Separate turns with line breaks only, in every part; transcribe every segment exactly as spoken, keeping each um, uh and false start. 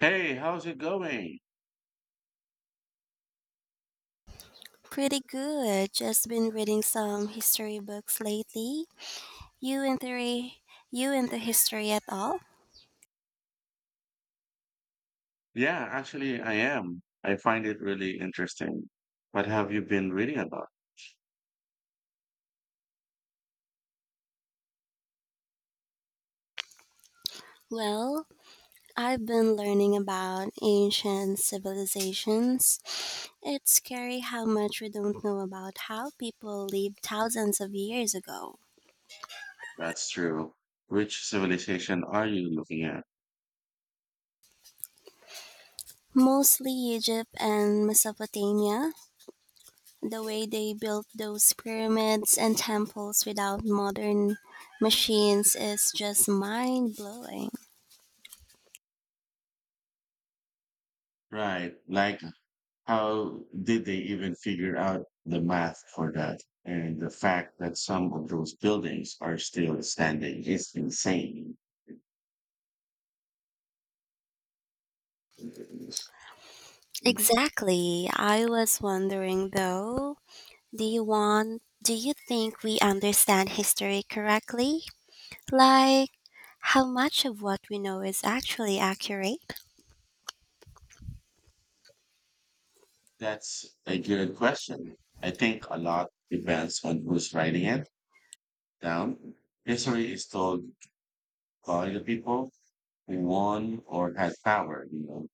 Hey, how's it going?
Pretty good. Just been reading some history books lately. You into you into history at all?
Yeah, actually, I am. I find it really interesting. What have you been reading about?
Well, I've been learning about ancient civilizations. It's scary how much we don't know about how people lived thousands of years ago.
That's true. Which civilization are you looking at?
Mostly Egypt and Mesopotamia, the way they built those pyramids and temples without modern machines is just mind blowing.
Right. Like, how did they even figure out the math for that? And the fact that some of those buildings are still standing is insane.
Exactly. I was wondering though, do you want do you think we understand history correctly? Like how much of what we know is actually accurate?
That's a good question. I think a lot depends on who's writing it down. History is told by the people who won or had power, you know.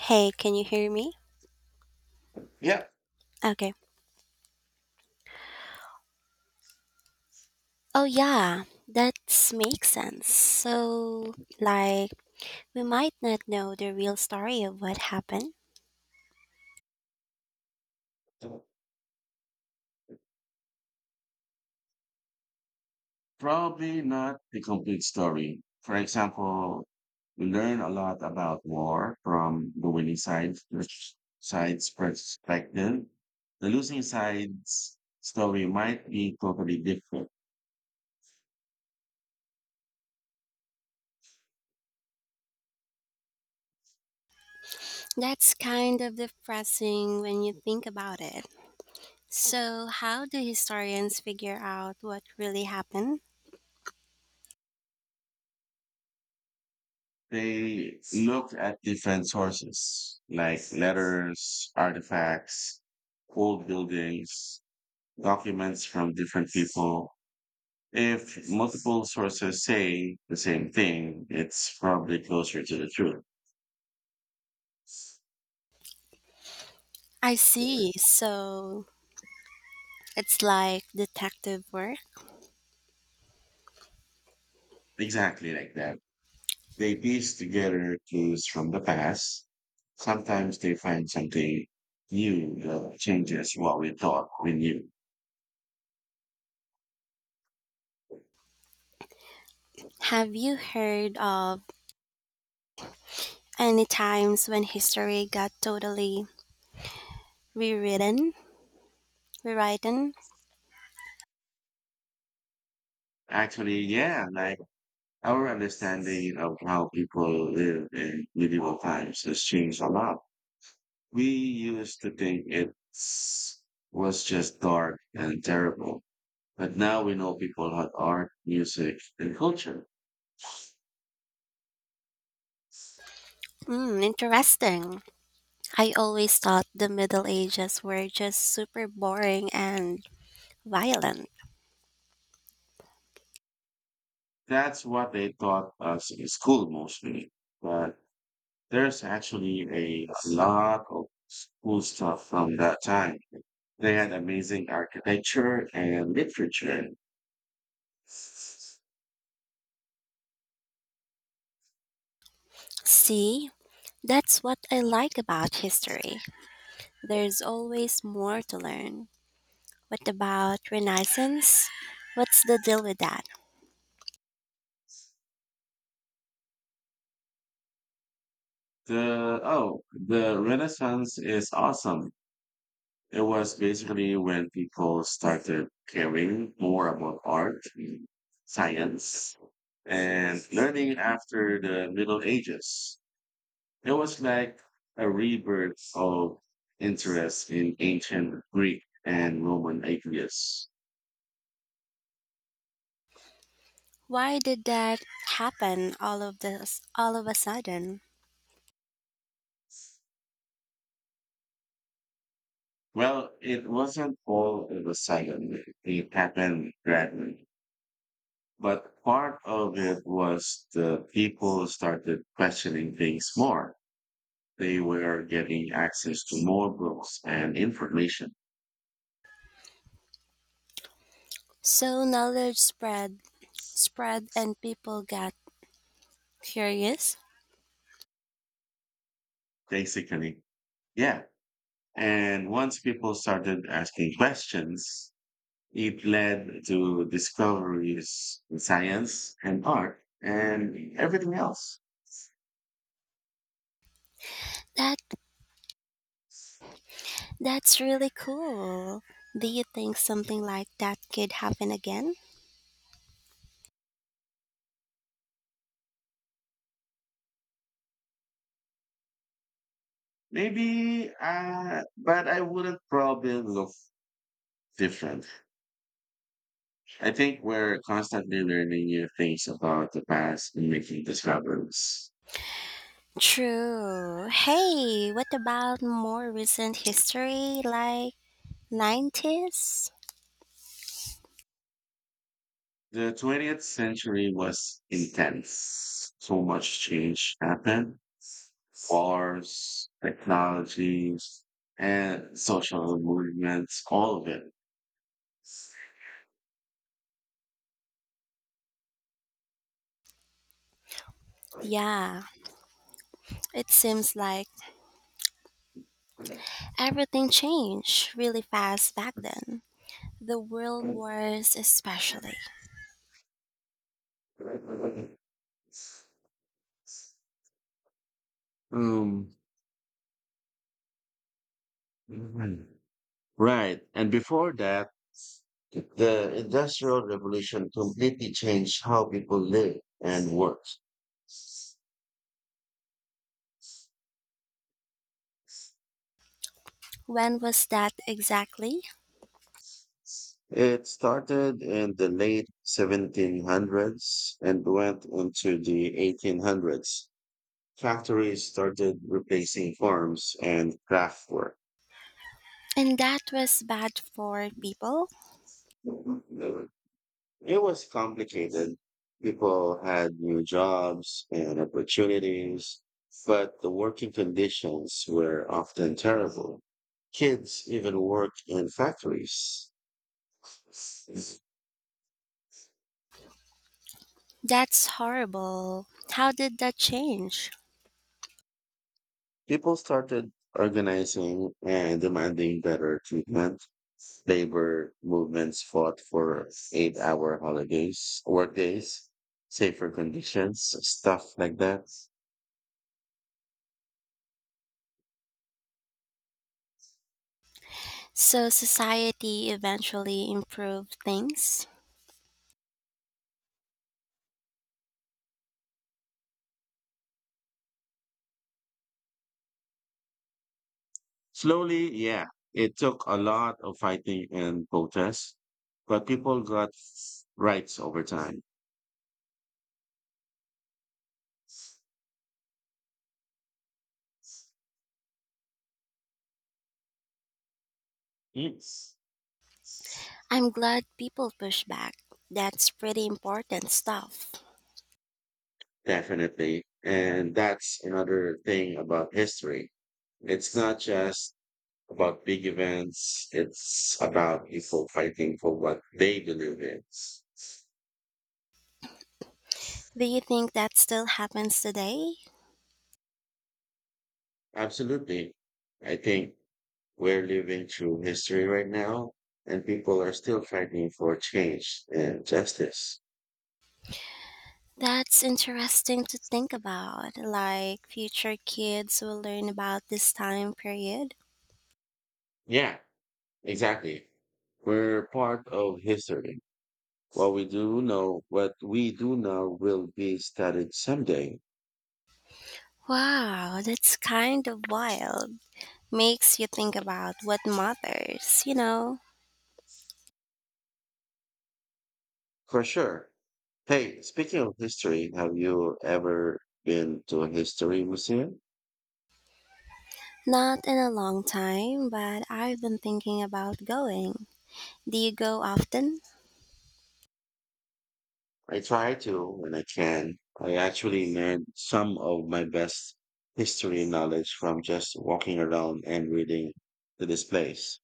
Hey, can you hear me?
Yeah.
Okay. Oh yeah, that makes sense. So like we might not know the real story of what happened.
Probably not the complete story. For example, we learn a lot about war from the winning side, which side's perspective. The losing side's story might be totally different.
That's kind of depressing when you think about it. So how do historians figure out what really happened?
They looked at different sources like letters, artifacts, old buildings, documents from different people. If multiple sources say the same thing, it's probably closer to the truth.
I see. So it's like detective work.
Exactly like that. They piece together clues from the past. Sometimes they find something new that changes what we thought we knew.
Have you heard of any times when history got totally rewritten? Rewritten?
Actually, yeah, like our understanding of how people lived in medieval times has changed a lot. We used to think it was just dark and terrible, but now we know people had art, music, and culture.
Mm, interesting. I always thought the Middle Ages were just super boring and violent.
That's what they taught us in school mostly. But there's actually a lot of cool stuff from that time. They had amazing architecture and literature.
See, that's what I like about history. There's always more to learn. What about Renaissance? What's the deal with that?
The oh, the Renaissance is awesome. It was basically when people started caring more about art, science, and learning after the Middle Ages. It was like a rebirth of interest in ancient Greek and Roman ideas.
Why did that happen all of this all of a sudden?
Well, it wasn't all of a sudden, it happened gradually. But part of it was the people started questioning things more. They were getting access to more books and information,
So knowledge spread spread and people got curious.
basically. Yeah. And once people started asking questions, it led to discoveries in science and art and everything else.
That that's really cool. Do you think something like that could happen again?
Maybe, uh, but I wouldn't probably look different. I think we're constantly learning new things about the past and making discoveries.
True. Hey, what about more recent history like nineties?
The twentieth century was intense. So much change happened. Wars, technologies, and social movements, all of it.
Yeah, it seems like everything changed really fast back then. The world wars especially.
Um, right. And before that, the Industrial Revolution completely changed how people live and work.
When was that exactly?
It started in the late seventeen hundreds and went into the eighteen hundreds. Factories started replacing farms and craftwork.
And that was bad for people?
It was complicated. People had new jobs and opportunities, but the working conditions were often terrible. Kids even worked in factories.
That's horrible. How did that change?
People started organizing and demanding better treatment. Labor movements fought for eight hour holidays, workdays, safer conditions, stuff like that.
So society eventually improved things?
Slowly, yeah, it took a lot of fighting and protests, but people got rights over time. Yes.
I'm glad people push back. That's pretty important stuff.
Definitely. And that's another thing about history. It's not just about big events. It's about people fighting for what they believe in.
Do you think that still happens today?
Absolutely. I think we're living through history right now, and people are still fighting for change and justice.
That's interesting to think about. Like future kids will learn about this time period.
Yeah, exactly. We're part of history. What we do know, what we do now will be studied someday,
Wow, that's kind of wild. Makes you think about what matters, you know?
for sure. Hey, speaking of history, have you ever been to a history museum?
Not in a long time, but I've been thinking about going. Do you go often?
I try to when I can. I actually learned some of my best history knowledge from just walking around and reading the displays.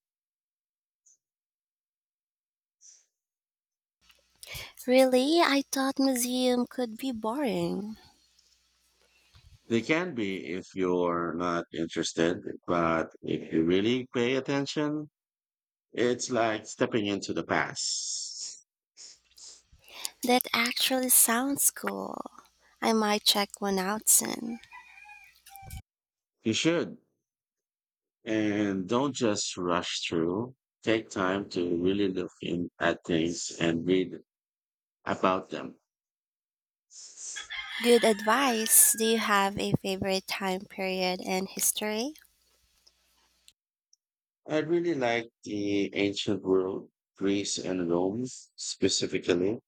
Really? I thought museum could be boring.
They can be if you're not interested, but if you really pay attention, it's like stepping into the past.
That actually sounds cool. I might check one out soon.
You should. And don't just rush through. Take time to really look in at things and read about them.
Good advice. Do you have a favorite time period in history?
I really like the ancient world, Greece and Rome specifically.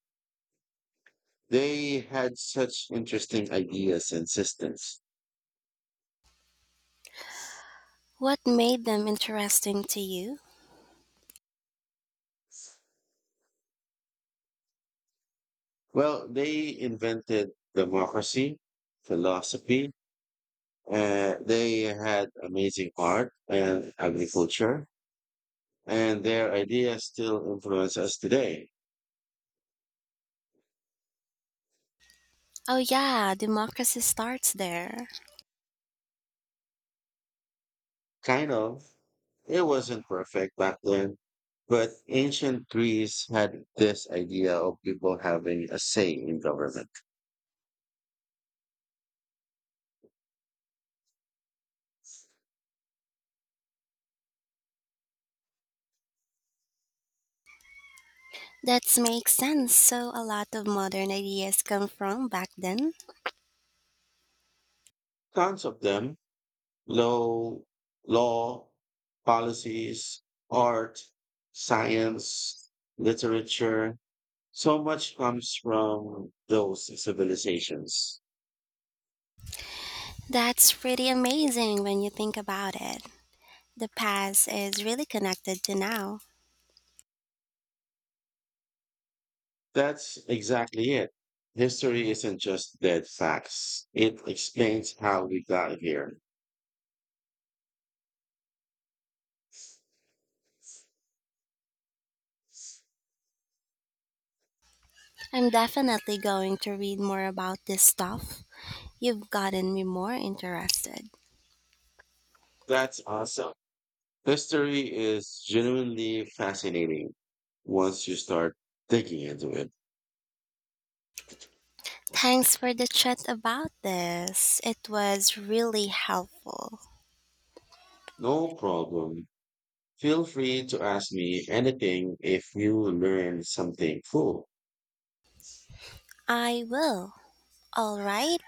They had such interesting ideas and systems.
What made them interesting to you?
Well, they invented democracy, philosophy, uh, they had amazing art and agriculture, and their ideas still influence us today.
Oh, yeah, democracy starts there.
Kind of. It wasn't perfect back then, but ancient Greece had this idea of people having a say in government.
That makes sense. So, a lot of modern ideas come from back then.
Tons of them, law, law, policies, art, science, literature. So much comes from those civilizations.
That's pretty amazing when you think about it. The past is really connected to now.
That's exactly it. History isn't just dead facts, it explains how we got here.
I'm definitely going to read more about this stuff. You've gotten me more interested.
That's awesome. History is genuinely fascinating once you start digging into it.
Thanks for the chat about this. It was really helpful.
No problem. Feel free to ask me anything if you learn something cool.
I will. All right.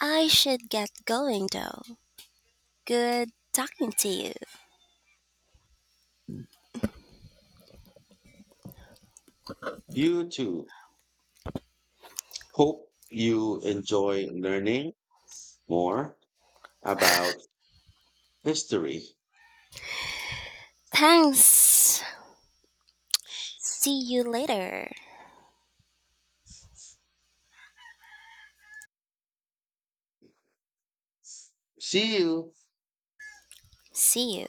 I should get going though. Good talking to you.
You too. Hope you enjoy learning more about history.
Thanks. See you later.
See you.
See you.